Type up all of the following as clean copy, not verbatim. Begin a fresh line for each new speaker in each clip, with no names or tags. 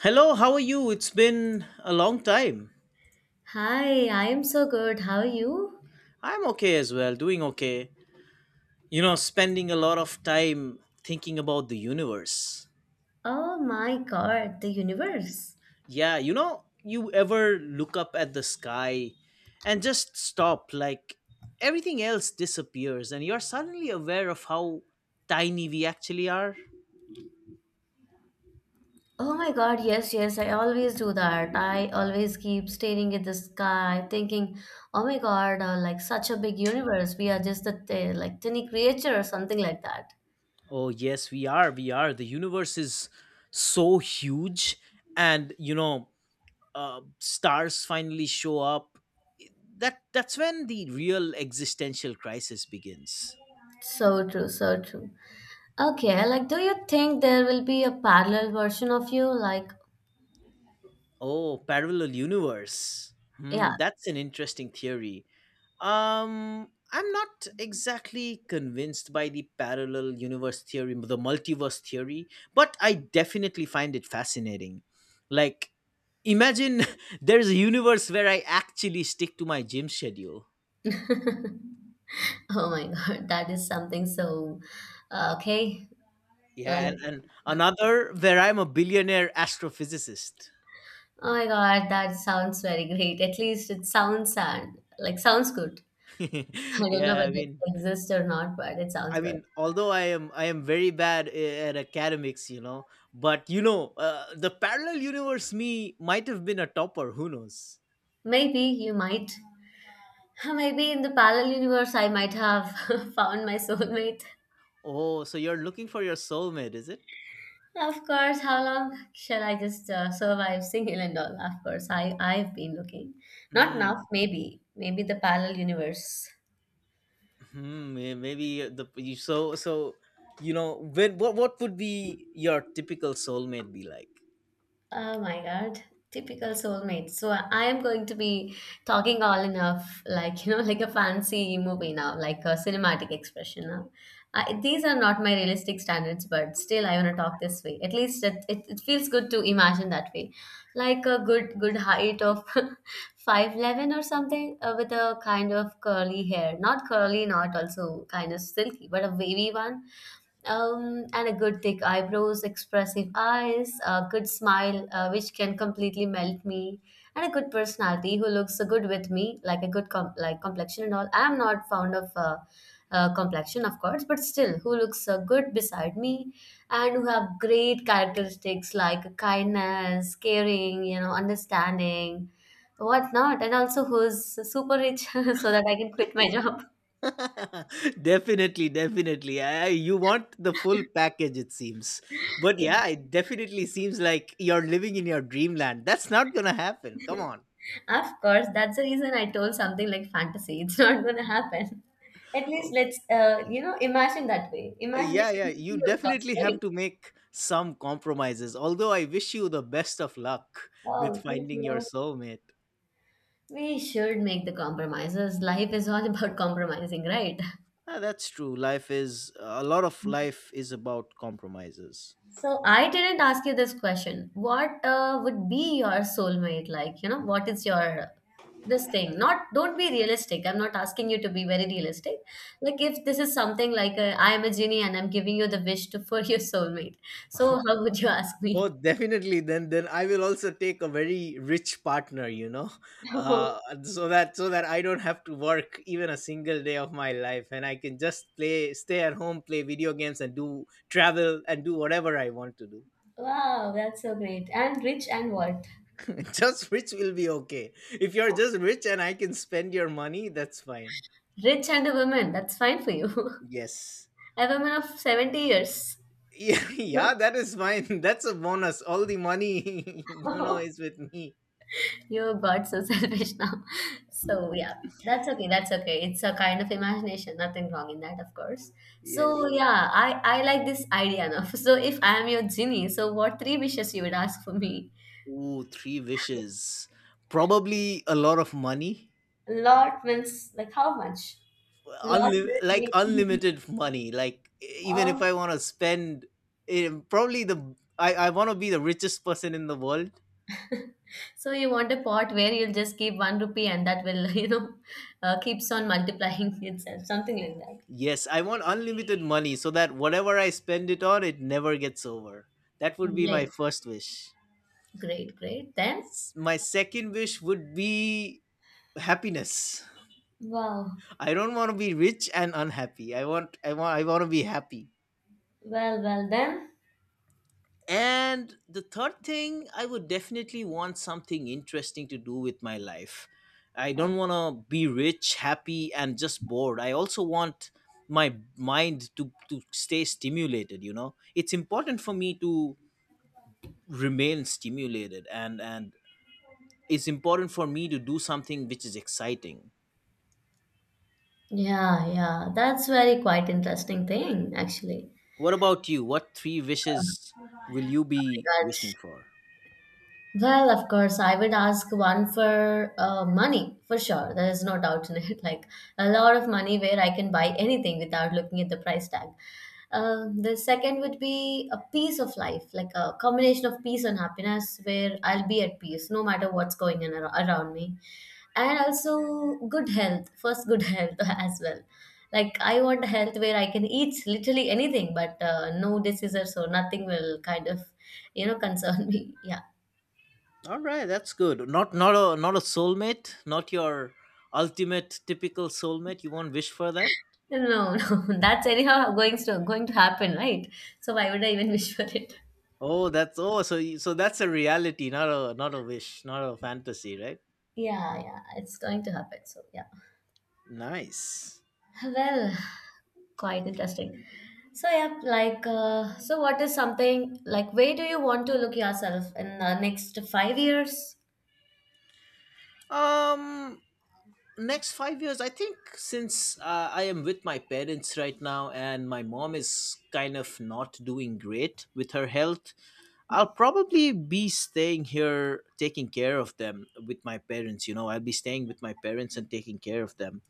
Hello, how are you? It's been a long time.
Hi, I am so good. How are you?
I'm okay as well, doing okay. Spending a lot of time thinking about the universe.
Oh my god, the universe.
Yeah, you ever look up at the sky and just stop, like everything else disappears, and you're suddenly aware of how tiny we actually are?
Oh my god, yes, yes, I always do that. I always keep staring at the sky, thinking, oh my god, like such a big universe. We are just a like tiny creature or something like that.
Oh, yes, we are. We are. The universe is so huge, and stars finally show up, that's when the real existential crisis begins.
So true, so true. Okay, like, do you think there will be a parallel version of you? Like,
Oh, parallel universe.
yeah.
That's an interesting theory. I'm not exactly convinced by the parallel universe theory, the multiverse theory, but I definitely find it fascinating. Like, imagine there's a universe where I actually stick to my gym schedule.
Oh my god, that is something so okay.
Yeah,
Like,
and another where I'm a billionaire astrophysicist.
oh my God, that sounds very great. At least it sounds and like sounds good. I don't know
Yeah, I
whether it
mean,
exists or not, but it sounds
I
good.
mean, although I am very bad at academics, but the parallel universe me might have been a topper. Who knows?
Maybe you might. Maybe in the parallel universe, I might have found my soulmate.
Oh, so you're looking for your soulmate, is it?
Of course, how long shall I just survive single and all? Of course, I've been looking. Not
Hmm.
now, maybe the parallel universe.
Hmm. Maybe the, you so, when what would be your typical soulmate be like?
Oh my God. Typical soulmate. So I am going to be talking all enough, like, you know, like a fancy movie now, like a cinematic expression now. I, these are not my realistic standards, but still I want to talk this way. At least it feels good to imagine that way. Like a good, good height of 5'11 or something with a kind of curly hair. Not curly, not also kind of silky, but a wavy one, and a good thick eyebrows, expressive eyes, a good smile, which can completely melt me, and a good personality who looks so good with me, like a good like complexion and all. I'm not fond of complexion, of course, but still, who looks so good beside me, and who have great characteristics like kindness, caring, you know, understanding, whatnot, and also who's super rich so that I can quit my job.
Definitely, definitely. You want the full package, it seems. But yeah, it definitely seems like you're living in your dreamland. That's not gonna happen. Come on.
Of course, that's the reason I told something like fantasy. It's not going to happen. At least
Okay.
let's, you know, imagine that way.
Yeah,
Imagination
yeah.
is
You
free, of course,
definitely have
right?
to make some compromises. Although I wish you the best of luck with
Wow, thank
finding your
you.
soulmate.
We should make the compromises. Life is all about compromising, right?
Ah, that's true. Life is a lot of life is about compromises.
So I didn't ask you this question. What would be your soulmate like? You know, what is your this thing? Not don't be realistic. I'm not asking you to be very realistic. Like if this is something like I am a genie and I'm giving you the wish to for your soulmate. So how would you ask
Oh,
me?
definitely. Then I will also take a very rich partner. So that I don't have to work even a single day of my life, and I can just play, stay at home, play video games, and do travel and do whatever I want to do.
Wow, that's so great. And rich and what?
Just rich will be okay. If you're just rich and I can spend your money, that's fine.
Rich and a woman. That's fine for you.
Yes.
A woman of 70 years.
Yeah, yeah, that is fine. That's a bonus. All the money, is with me.
You got so selfish now. So yeah, that's okay. That's okay. It's a kind of imagination. Nothing wrong in that, of course.
Yeah.
So yeah, I like this idea now. So if I am your genie, so what three wishes you would ask for me?
Ooh, three wishes. Probably a lot of money.
Lot means like how much? Lot
Unli-
will
like
make.
unlimited money. Like, even if
Oh.
I want to spend, probably I want to be the richest person in the world.
So you want a pot where you'll just keep one rupee and that will you know, keeps on multiplying itself, something like that.
Yes, I want unlimited money so that whatever I spend it on, it never gets over. That would be my
Great,
first wish.
great, great. Then
My second wish would be happiness.
wow,
I don't want to be rich and unhappy. I want to be happy.
well, well then.
And the third thing, I would definitely want something interesting to do with my life. I don't want to be rich, happy and just bored. I also want my mind to stay stimulated. It's important for me to remain stimulated, and it's important for me to do something which is exciting.
Yeah, yeah. That's very quite interesting thing, actually.
What about you? What three
Oh
wishes will you be
my God.
wishing for?
Well, of course, I would ask one for money for sure. There is no doubt in it. Like a lot of money where I can buy anything without looking at the price tag. The second would be a peace of life, like a combination of peace and happiness where I'll be at peace no matter what's going on around me. And also good health, first, good health as well. Like I want a health where I can eat literally anything, but no diseases or nothing will kind of, you know, concern me. Yeah.
All right, that's good. Not a soulmate, not your ultimate typical soulmate? You won't wish for that?
No, no, that's anyhow going to happen, right? So why would I even wish for it?
Oh that's oh so so that's a reality, not a wish, not a fantasy, right?
Yeah, yeah, it's going to happen. So yeah,
Nice.
well, quite interesting. So yeah, like, so what is something like? Where do you want to look yourself in the next 5 years?
um Next 5 years, I think, since I am with my parents right now, and my mom is kind of not doing great with her health, I'll probably be staying here taking care of them with my parents. I'll be staying with my parents and taking care of them.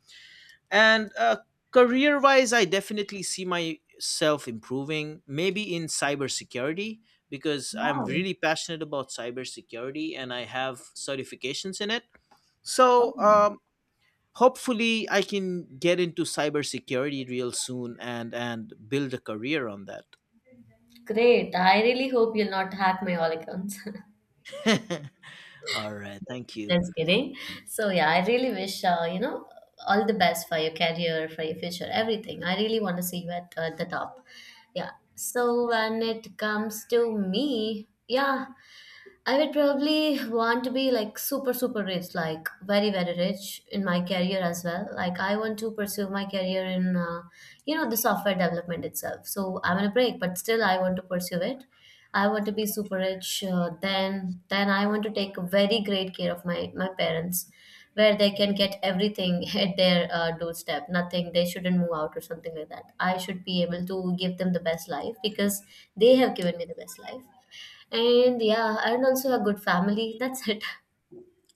And career wise, I definitely see myself improving, maybe in cybersecurity, because I'm
Wow,
really passionate about cybersecurity and I have certifications in it. So
okay.
hopefully I can get into cybersecurity real soon and build a career on that.
Great! I really hope you'll not hack my all accounts.
All right, thank you.
Just kidding. So yeah, I really wish you know all the best for your career, for your future, everything. I really want to see you at the top. Yeah. So when it comes to me, yeah. I would probably want to be like super, super rich, like very, very rich in my career as well. Like I want to pursue my career in, you know, the software development itself. So I'm on a break, but still I want to pursue it. I want to be super rich. Then I want to take very great care of my parents, where they can get everything at their doorstep. Nothing they shouldn't move out or something like that. I should be able to give them the best life because they have given me the best life and yeah, and also a good family. That's it.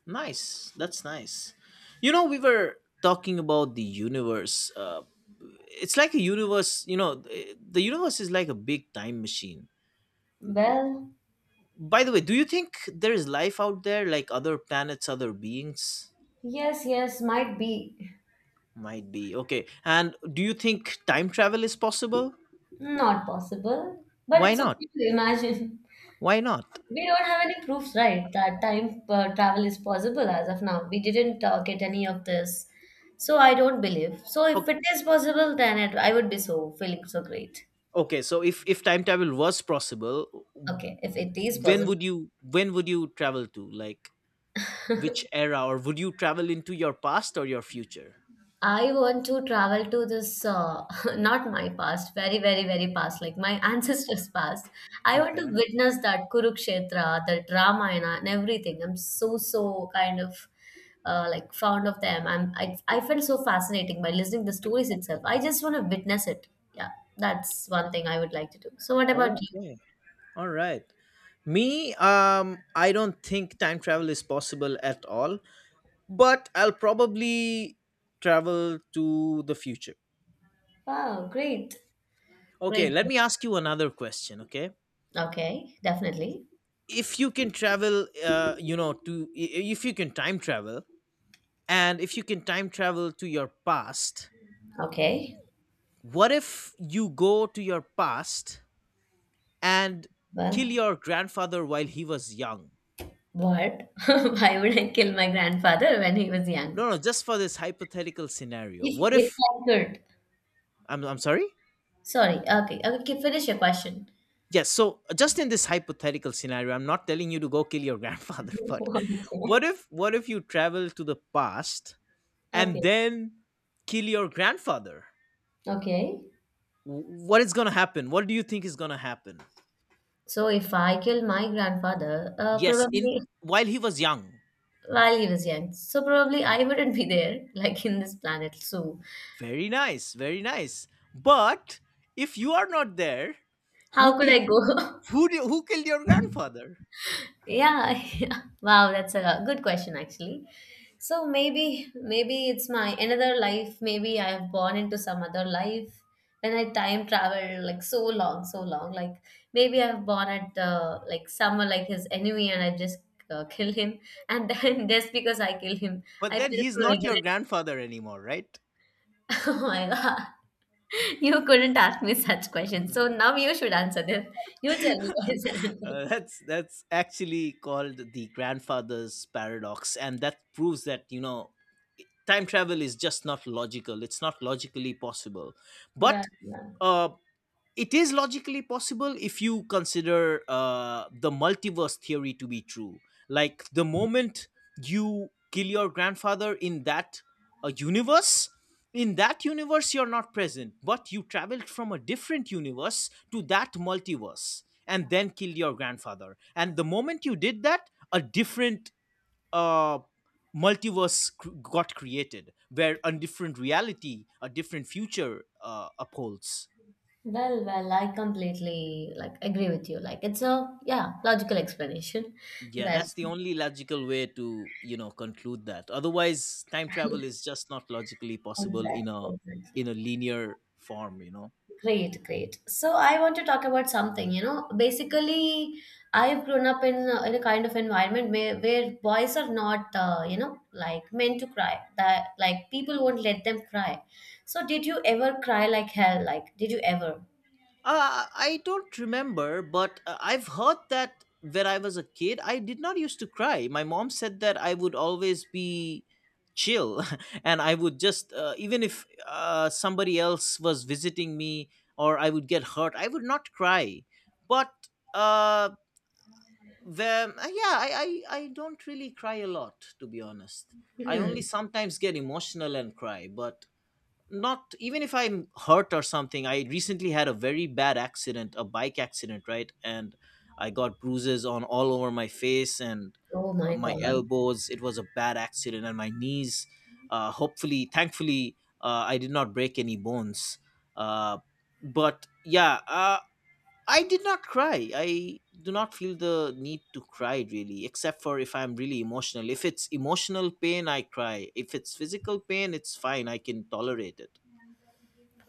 Nice. That's nice. We were talking about the universe. It's like a universe. The universe is like a big time machine.
Well,
By the way, do you think there is life out there, like other planets, other beings?
yes, yes, might be
Might be. Okay. And do you think time travel is possible?
not possible, but
Why
it's
not?
okay to imagine.
Why not?
We don't have any proofs, right, that time travel is possible as of now. We didn't get any of this. So I don't believe. So if it is possible, then it, I would be so feeling so great.
Okay, so if time travel was possible,
Okay, if it is
when
possible.
would you when would you travel to? Like, which era? Or would you travel into your past or your future?
I want to travel to this, not my past, very, very, very past, like my ancestors' past. I want to
Okay.
witness that Kurukshetra, that Ramayana, and everything. I'm so, so kind of like fond of them. I felt so fascinating by listening the stories itself. I just want to witness it. Yeah, that's one thing I would like to do. So, what about you?
Okay. All right. Me, I don't think time travel is possible at all, but I'll probably travel to the future.
Wow, great,
Okay,
great,
let
great.
me ask you another question, okay?
Okay, definitely.
If you can travel, if you can time travel, and if you can time travel to your past,
Okay,
what if you go to your past and kill
well.
your grandfather while he was young?
What? Why would I kill my grandfather when he was young?
No, no, just for this hypothetical scenario. What if—
If I could.
I'm sorry?
Sorry. Okay. Okay. Okay, finish your question.
Yes, so just in this hypothetical scenario, I'm not telling you to go kill your grandfather, but what if you travel to the past
Okay.
and
Okay.
then kill your grandfather?
Okay.
What is going to happen? What do you think is going to happen?
So if I kill my grandfather,
Yes, in
probably
while he was young.
while he was young, so probably I wouldn't be there, like in this planet. So
Very nice, very nice. But if you are not there, who
how could
killed
I go?
who killed your grandfather?
Yeah, yeah. Wow, that's a good question actually. So maybe it's my another life. Maybe I have born into some other life when I time travel like so long, so long. Like maybe I've born at like someone like his enemy and I just kill him. And then just because I kill him,
But
I
then
feel
he's
so
not your
regret.
grandfather anymore, right?
Oh my God, you couldn't ask me such questions. So now you should answer this. You tell me what is the answer.
That's actually called the grandfather's paradox, and that proves that time travel is just not logical. It's not logically possible. But
But yeah.
uh, it is logically possible if you consider the multiverse theory to be true. Like, the moment you kill your grandfather in that universe, in that universe you're not present, but you traveled from a different universe to that multiverse and then killed your grandfather. And the moment you did that, a different uh, multiverse got created, where a different reality, a different future upholds.
Well, well, I completely like agree with you. Like it's a yeah, logical explanation.
Yeah, that's
That's
the only logical way to, conclude that. Otherwise, time travel is just not logically possible in
exactly,
a
exactly.
in a linear form.
Great, great. So I want to talk about something, you know. Basically, I've grown up in a kind of environment where boys are not, you know, like meant to cry. That like people won't let them cry. So did you ever cry like hell? Like did you ever?
I don't remember, but I've heard that when I was a kid, I did not used to cry. My mom said that I would always be chill and I would just, even if somebody else was visiting me or I would get hurt, I would not cry. But uh the yeah, I don't really cry a lot, to be honest. I only
Hmm.
sometimes get emotional and cry, but not even if I'm hurt or something. I recently had a very bad accident, a bike accident, right? And I got bruises on all over my face and,
Oh my
my
God.
elbows. It was a bad accident. And my knees, hopefully, thankfully, I did not break any bones. Uh, but yeah. I did not cry. I do not feel the need to cry really, except for if I'm really emotional. If it's emotional pain, I cry. If it's physical pain, it's fine. I can tolerate it.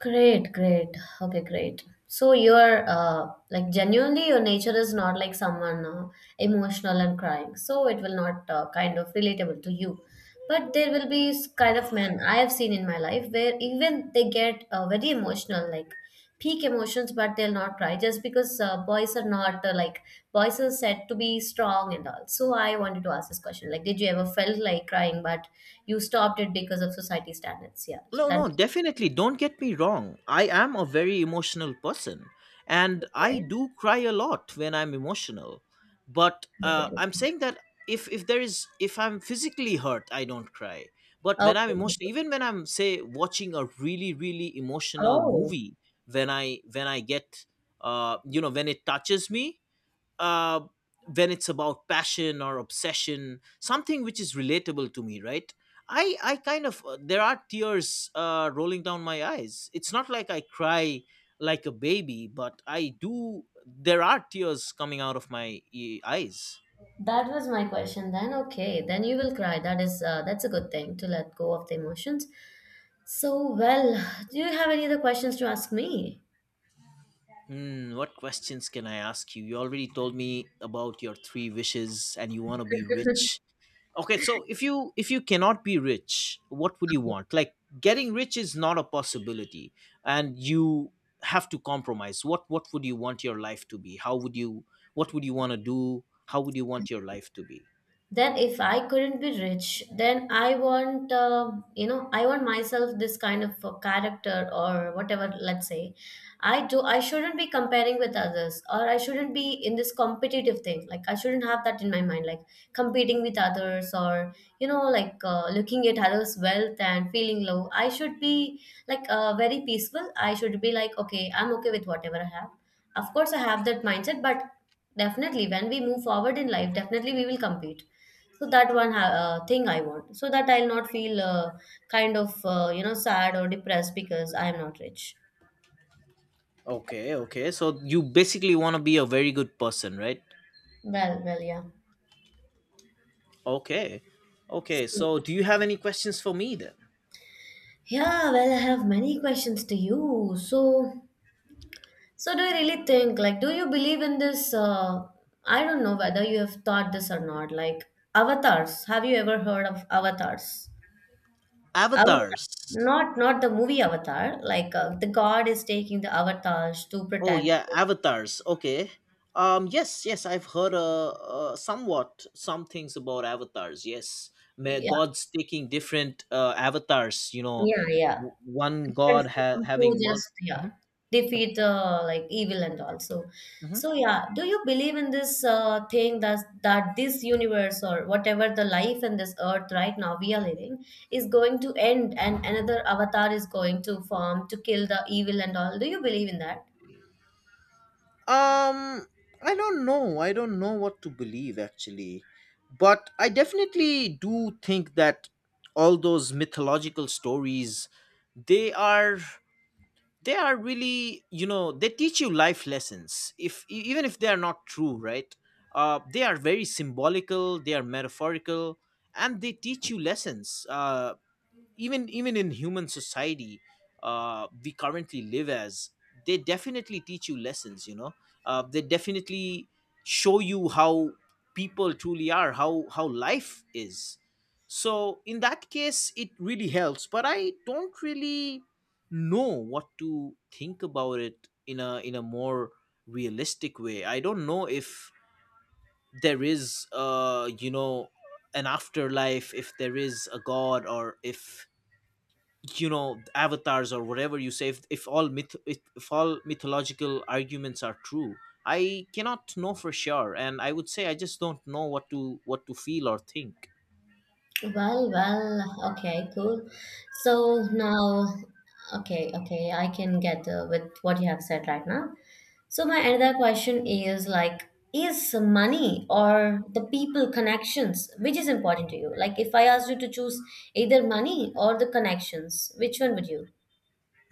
Great, great. Okay, great. So you're like genuinely your nature is not like someone emotional and crying. So it will not kind of relatable to you. But there will be kind of men I have seen in my life where even they get very emotional, like peak emotions, but they'll not cry just because boys are not like boys are said to be strong and all. So I wanted to ask this question: like, did you ever felt like crying, but you stopped it because of society standards? Yeah. So
No, no,
that's
definitely. Don't get me wrong. I am a very emotional person, and I
okay.
do cry a lot when I'm emotional. But
Okay.
I'm saying that, if if I'm physically hurt, I don't cry. But when I'm
Okay.
emotional,
Okay.
even when I'm, say, watching a really, really emotional
Oh,
movie, when I get, when it touches me, uh, when it's about passion or obsession, something which is relatable to me, right? I kind of, there are tears, rolling down my eyes. It's not like I cry like a baby, but I do, there are tears coming out of my eyes.
that was my question then. Okay, then you will cry. That is that's a good thing to let go of the emotions. So, well, do you have any other questions to ask me?
What questions can I ask you? You already told me about your three wishes and you want to be rich. Okay, so if you cannot be rich, what would you want? Like, getting rich is not a possibility and you have to compromise. What would you want your life to be? How would you What would you want to do? How would you want your life to be?
Then if I couldn't be rich, then I want I want myself this kind of character or whatever. Let's say I shouldn't be comparing with others, or I shouldn't be in this competitive thing. Like I shouldn't have that in my mind, like competing with others or like looking at others wealth and feeling low. I should be like very peaceful. I should be like, okay, I'm okay with whatever I have. Of course I have that mindset, but definitely when we move forward in life, definitely we will compete. So that one thing I want, so that I'll not feel kind of sad or depressed because I am not rich.
Okay, okay, so you basically want to be a very good person, right?
Well, yeah.
Okay, okay,
So-
so do you have any questions for me then?
yeah, well, I have many questions to you. So, so do you really think, like do you believe in this I don't know whether you have thought this or not, like avatars? Have you ever heard of avatars? Avatar.
Avatars.
Not the movie Avatar. Like the god is taking the avatars to
Oh
protect.
yeah, avatars. Okay. Yes. Yes. I've heard, some things about avatars. Yes. May
Yeah,
gods taking different, avatars.
yeah, yeah.
One
Different
god
form
having
to
multiple.
just, yeah, defeat like evil and also. So so,
hmm
yeah, do you believe in this thing that this universe or whatever the life in this earth right now we are living is going to end, and another avatar is going to form to kill the evil and all? Do you believe in that?
Um, I don't know. I don't know what to believe, actually, but I definitely do think that all those mythological stories, they are. They are really they teach you life lessons, if e- even if they are not true, right. They are very symbolical, they are metaphorical, and they teach you lessons even in human society we currently live as. They definitely teach you lessons. They definitely show you how people truly are, how life is. So in that case it really helps, but I don't really know what to think about it in a more realistic way. I don't know if there is an afterlife, if there is a god, or if avatars or whatever you say, if all mythological arguments are true. I cannot know for sure, and I would say I just don't know what to feel or think.
Well, well, okay, cool. So now, okay, okay, I can get with what you have said right now. So my another question is like, is money or the people connections, which is important to you? Like if I asked you to choose either money or the connections, which one would you?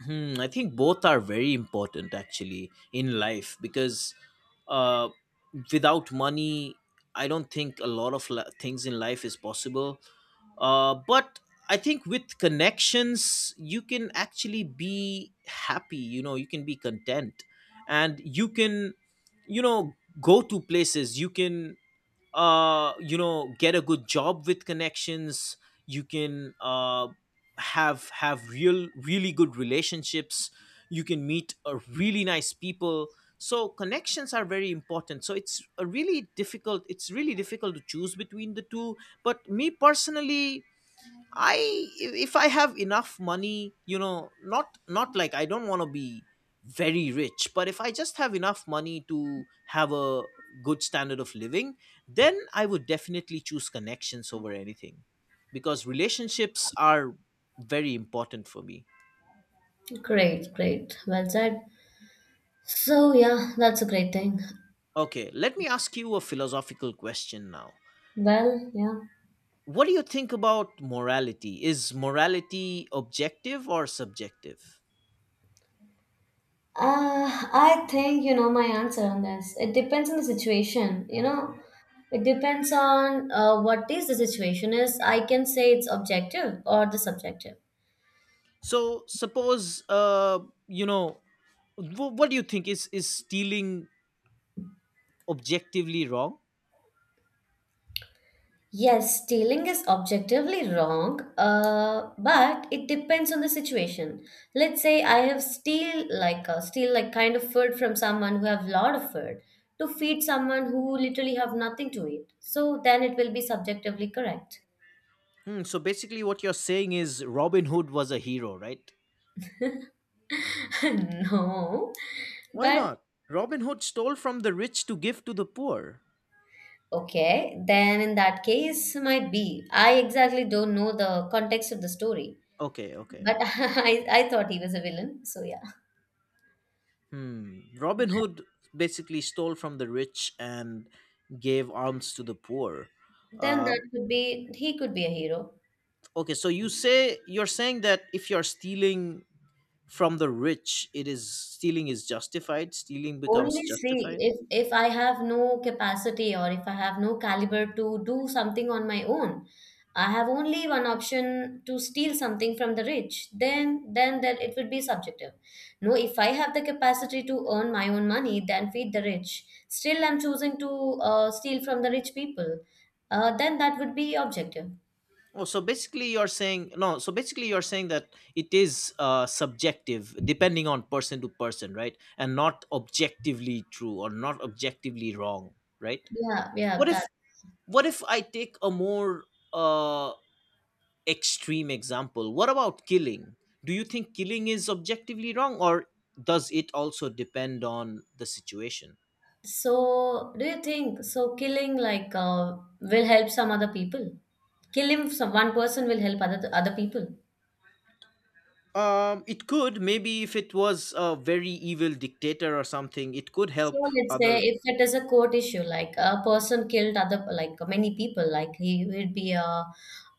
Hmm, I think both are very important actually in life, because uh, without money, I don't think a lot of things in life is possible. But I think with connections, you can actually be happy, you can be content, and you can you know, go to places, you can get a good job with connections. You can have real really good relationships. You can meet a really nice people. So connections are very important, so it's really difficult to choose between the two. But me personally, I if I have enough money, not like I don't want to be very rich, but if I just have enough money to have a good standard of living, then I would definitely choose connections over anything, because relationships are very important for me.
Great, great. Well said. So yeah, that's a great thing.
Okay, let me ask you a philosophical question now.
Well, yeah.
What do you think about morality? Is morality objective or subjective?
I think you know my answer on this. It depends on the situation, you know. It depends on what is the situation is. I can say it's objective or the subjective.
So suppose, you know what do you think, is stealing objectively wrong?
Yes, stealing is objectively wrong, but it depends on the situation. Let's say I have steal like kind of food from someone who have lot of food to feed someone who literally have nothing to eat. So then it will be subjectively correct.
Hmm, so basically what you're saying is Robin Hood was a hero, right?
No,
Why
but
not? Robin Hood stole from the rich to give to the poor.
okay, then in that case might be. I exactly don't know the context of the story,
Okay, okay.
but I thought he was a villain. So yeah,
Hmm. Robin Hood basically stole from the rich and gave alms to the poor.
then that
Um,
could be, he could be a hero.
okay, so you're saying that if you're stealing from the rich, it is stealing is justified. Stealing becomes
Only see,
justified.
if I have no capacity, or if I have no caliber to do something on my own, I have only one option to steal something from the rich. Then that it would be subjective. No, if I have the capacity to earn my own money, then feed the rich. Still, I'm choosing to steal from the rich people. Then that would be objective.
Oh, so basically you're saying no. So basically you're saying that it is subjective, depending on person to person, right? And not objectively true or not objectively wrong, right?
Yeah, yeah,
What if
that.
what if I take a more uh, extreme example? What about killing? Do you think killing is objectively wrong, or does it also depend on the situation?
So, do you think so killing like will help some other people? Kill him, so one person will help other people.
It could, maybe if it was a very evil dictator or something, it could
So
help
let's say
other.
if it is a court issue, like a person killed other, like many people, like he would be a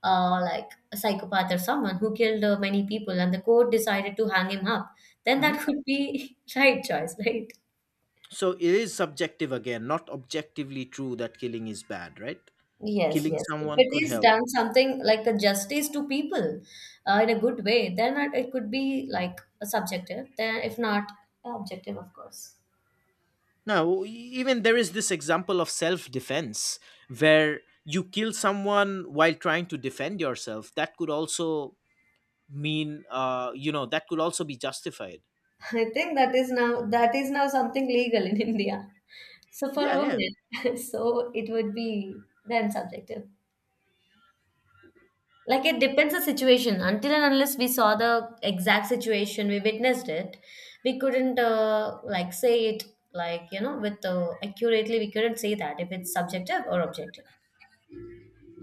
like a psychopath or someone who killed many people, and the court decided to hang him up, then that
Mhm.
could be right choice, right?
So it is subjective again, not objectively true that killing is bad, right?
Yes,
Killing
yes, if
someone
it
could
is
help.
done something like a justice to people in a good way, then it could be like a subjective. Then if not, objective, of course.
No, even there is this example of self defense where you kill someone while trying to defend yourself. That could also mean, that could also be justified.
I think that is now, that is now something legal in India. So for
Yeah, yeah.
women, so it would be then subjective. Like it depends the situation. Until and unless we saw the exact situation, we witnessed it, we couldn't like say it like you know with accurately. We couldn't say that if it's subjective or objective.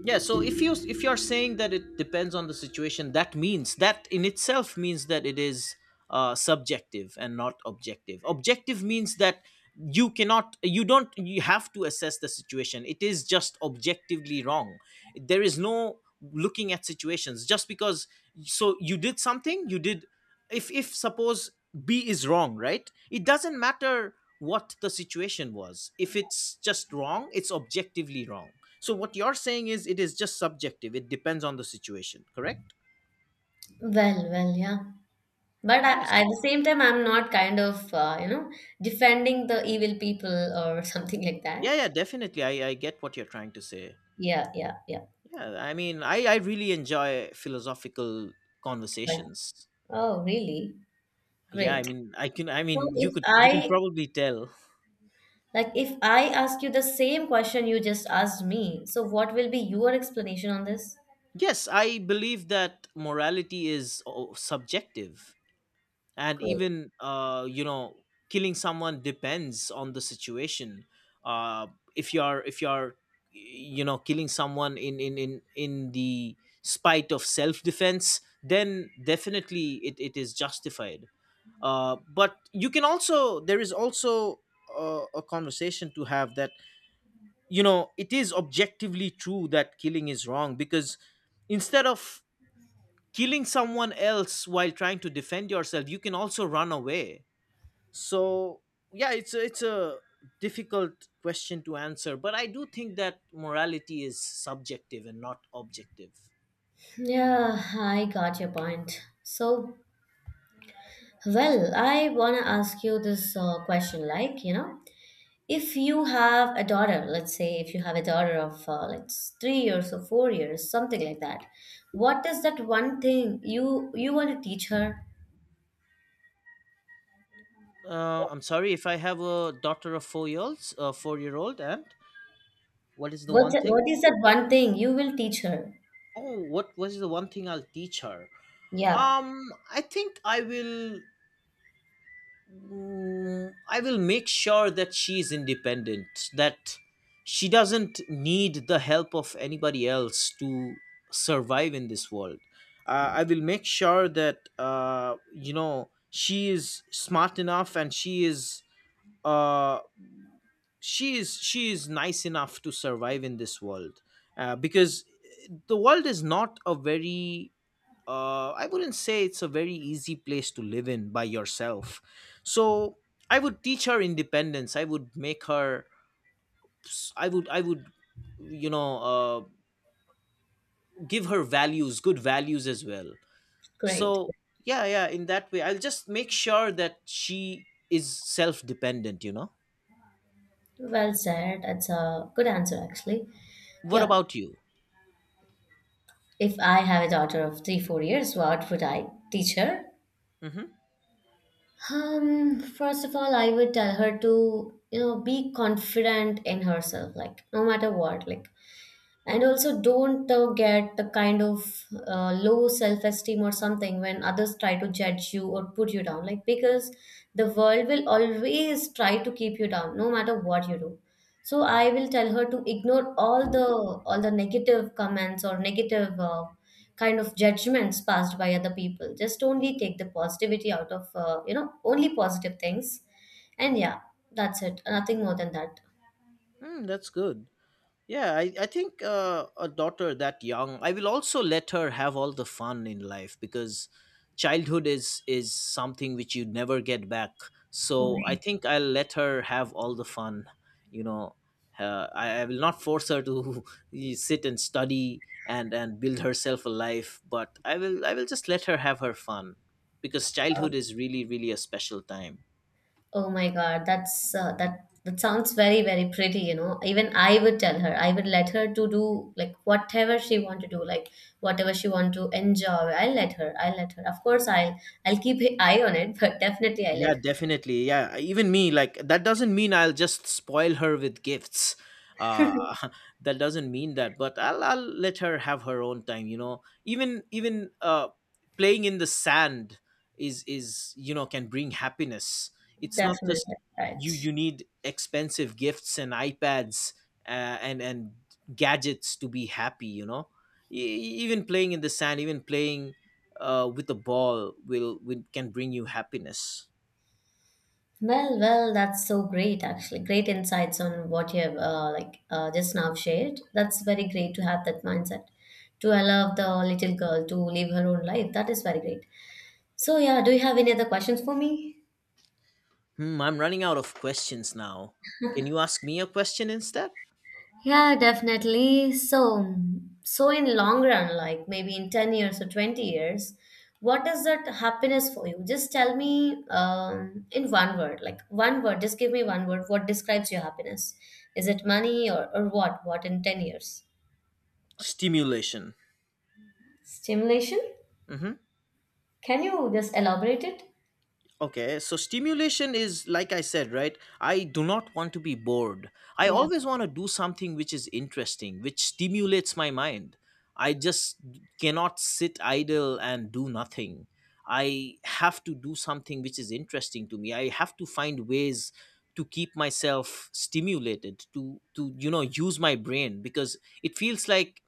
Yeah, so if you if you're saying that it depends on the situation, that means that in itself means that it is subjective and not objective. Objective means that you cannot you don't you have to assess the situation, it is just objectively wrong. There is no looking at situations, just because, so you did something, you did, if suppose b is wrong, right, it doesn't matter what the situation was. If it's just wrong, it's objectively wrong. So what you're saying is it is just subjective. It depends on the situation, correct?
Well, well, yeah. But
Nice.
I, at the same time, I'm not kind of defending the evil people or something like that.
Yeah, yeah, definitely. I get what you're trying to say.
Yeah, yeah, yeah.
Yeah, I mean, I really enjoy philosophical
But
conversations.
oh, really?
Yeah, I
Great.
mean, I can, I
So
mean, you
if
could, you can
I,
probably tell.
like if I ask you the same question you just asked me, so what will be your explanation on this?
Yes, I believe that morality is, oh, subjective. And
Cool.
even killing someone depends on the situation. uh, if you're killing someone in the spite of self-defense, then definitely it is justified. Uh, but you can also there is also a conversation to have, that it is objectively true that killing is wrong, because instead of killing someone else while trying to defend yourself, you can also run away. So yeah, it's a difficult question to answer, but I do think that morality is subjective and not objective.
Yeah, I got your point. So, well, I want to ask you this question like, you know, if you have a daughter, let's say if you have a daughter of like 3 years or 4 years, something like that, what is that one thing you want to teach her?
I'm sorry, if I have a daughter of 4 years, a four-year old, and what is the one thing?
What is that one thing you will teach her?
Oh, what was the one thing I'll teach her?
Yeah.
Um I think I will Mm, I will make sure that she is independent, that she doesn't need the help of anybody else to survive in this world. I will make sure that, she is smart enough and she is. Uh, she is nice enough to survive in this world, because the world is not a very, I wouldn't say it's a very easy place to live in by yourself. So I would teach her independence. I would make her. I would. I would. You know, uh, Give her values, good values as well.
Great.
So yeah, yeah. In that way, I'll just make sure that she is self-dependent.
Well said. That's a good answer, actually.
What
Yeah.
about you?
If I have a daughter of three, 4 years, what would I teach her?
Mm-hmm.
First of all, I would tell her to, you know, be confident in herself, like no matter what, like, and also don't get the kind of low self-esteem or something when others try to judge you or put you down, like, because the world will always try to keep you down no matter what you do. So I will tell her to ignore all the negative comments or negative kind of judgments passed by other people. Just only take the positivity out of only positive things. And yeah, that's it. Nothing more than that.
Mm, that's good. Yeah, I think a daughter that young, I will also let her have all the fun in life, because childhood is something which you never get back. So I think I'll let her have all the fun. You know, I will not force her to sit and study and build herself a life, but I will just let her have her fun, because childhood is really really a special time.
Oh my God, that's that that sounds very, very pretty, you know. Even I would tell her, I would let her to do like whatever she want to do, like whatever she want to enjoy. I'll let her. I'll let her. Of course, I'll keep an eye on it, but definitely I'll
Yeah,
let her.
definitely. Yeah, even me, like, that doesn't mean I'll just spoil her with gifts. Uh, that doesn't mean that, but I'll let her have her own time. Even playing in the sand, is you know can bring happiness. It's not just
Definitely. Right.
you need expensive gifts and iPads and gadgets to be happy. Even playing in the sand, even playing with a ball will can bring you happiness.
Well, well, that's so great, actually. Great insights on what you have like just now shared. That's very great to have that mindset to allow the little girl to live her own life. That is very great. So yeah, do you have any other questions for me?
Hmm, I'm running out of questions now. Can you ask me a question instead?
Yeah, definitely. So, so in long run, like maybe in 10 years or 20 years, what is that happiness for you? Just tell me in one word, like one word, just give me one word. What describes your happiness? Is it money or what? What in 10 years?
Stimulation.
Stimulation?
Mm-hmm.
Can you just elaborate it?
Okay, so stimulation is, like I said, right? I do not want to be bored. I
Yeah.
always want to do something which is interesting, which stimulates my mind. I just cannot sit idle and do nothing. I have to do something which is interesting to me. I have to find ways to keep myself stimulated to use my brain, because it feels like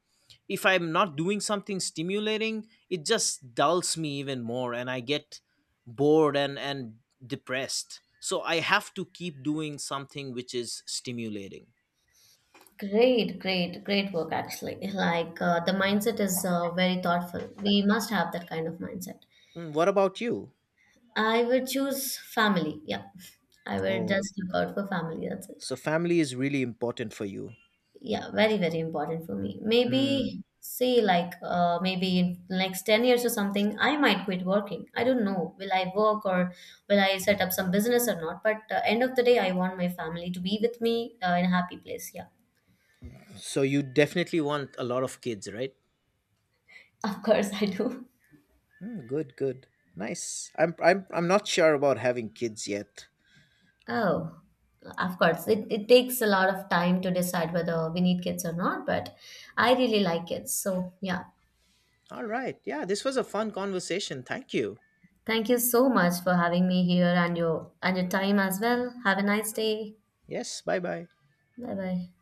if I'm not doing something stimulating, it just dulls me even more, and I get bored and depressed, so I have to keep doing something which is stimulating.
Great, great, great work actually. Like the mindset is very thoughtful. We must have that kind of mindset.
Mm, what about you?
I would choose family. Yeah. I would
Oh,
just look out for family. That's it.
so family is really important for you?
Yeah, very, very important for me.
Hmm.
Maybe say like maybe in next 10 years or something, I might quit working. I don't know. Will I work or will I set up some business or not? But end of the day, I want my family to be with me in a happy place. Yeah.
So you definitely want a lot of kids, right?
Of course I do.
Hmm, good good, nice. I'm not sure about having kids yet.
Oh, of course. It takes a lot of time to decide whether we need kids or not, but I really like kids. So, yeah,
All right, yeah, this was a fun conversation, thank you.
thank you so much for having me here, and your time as well. Have a nice day.
Yes, bye bye.
Bye bye.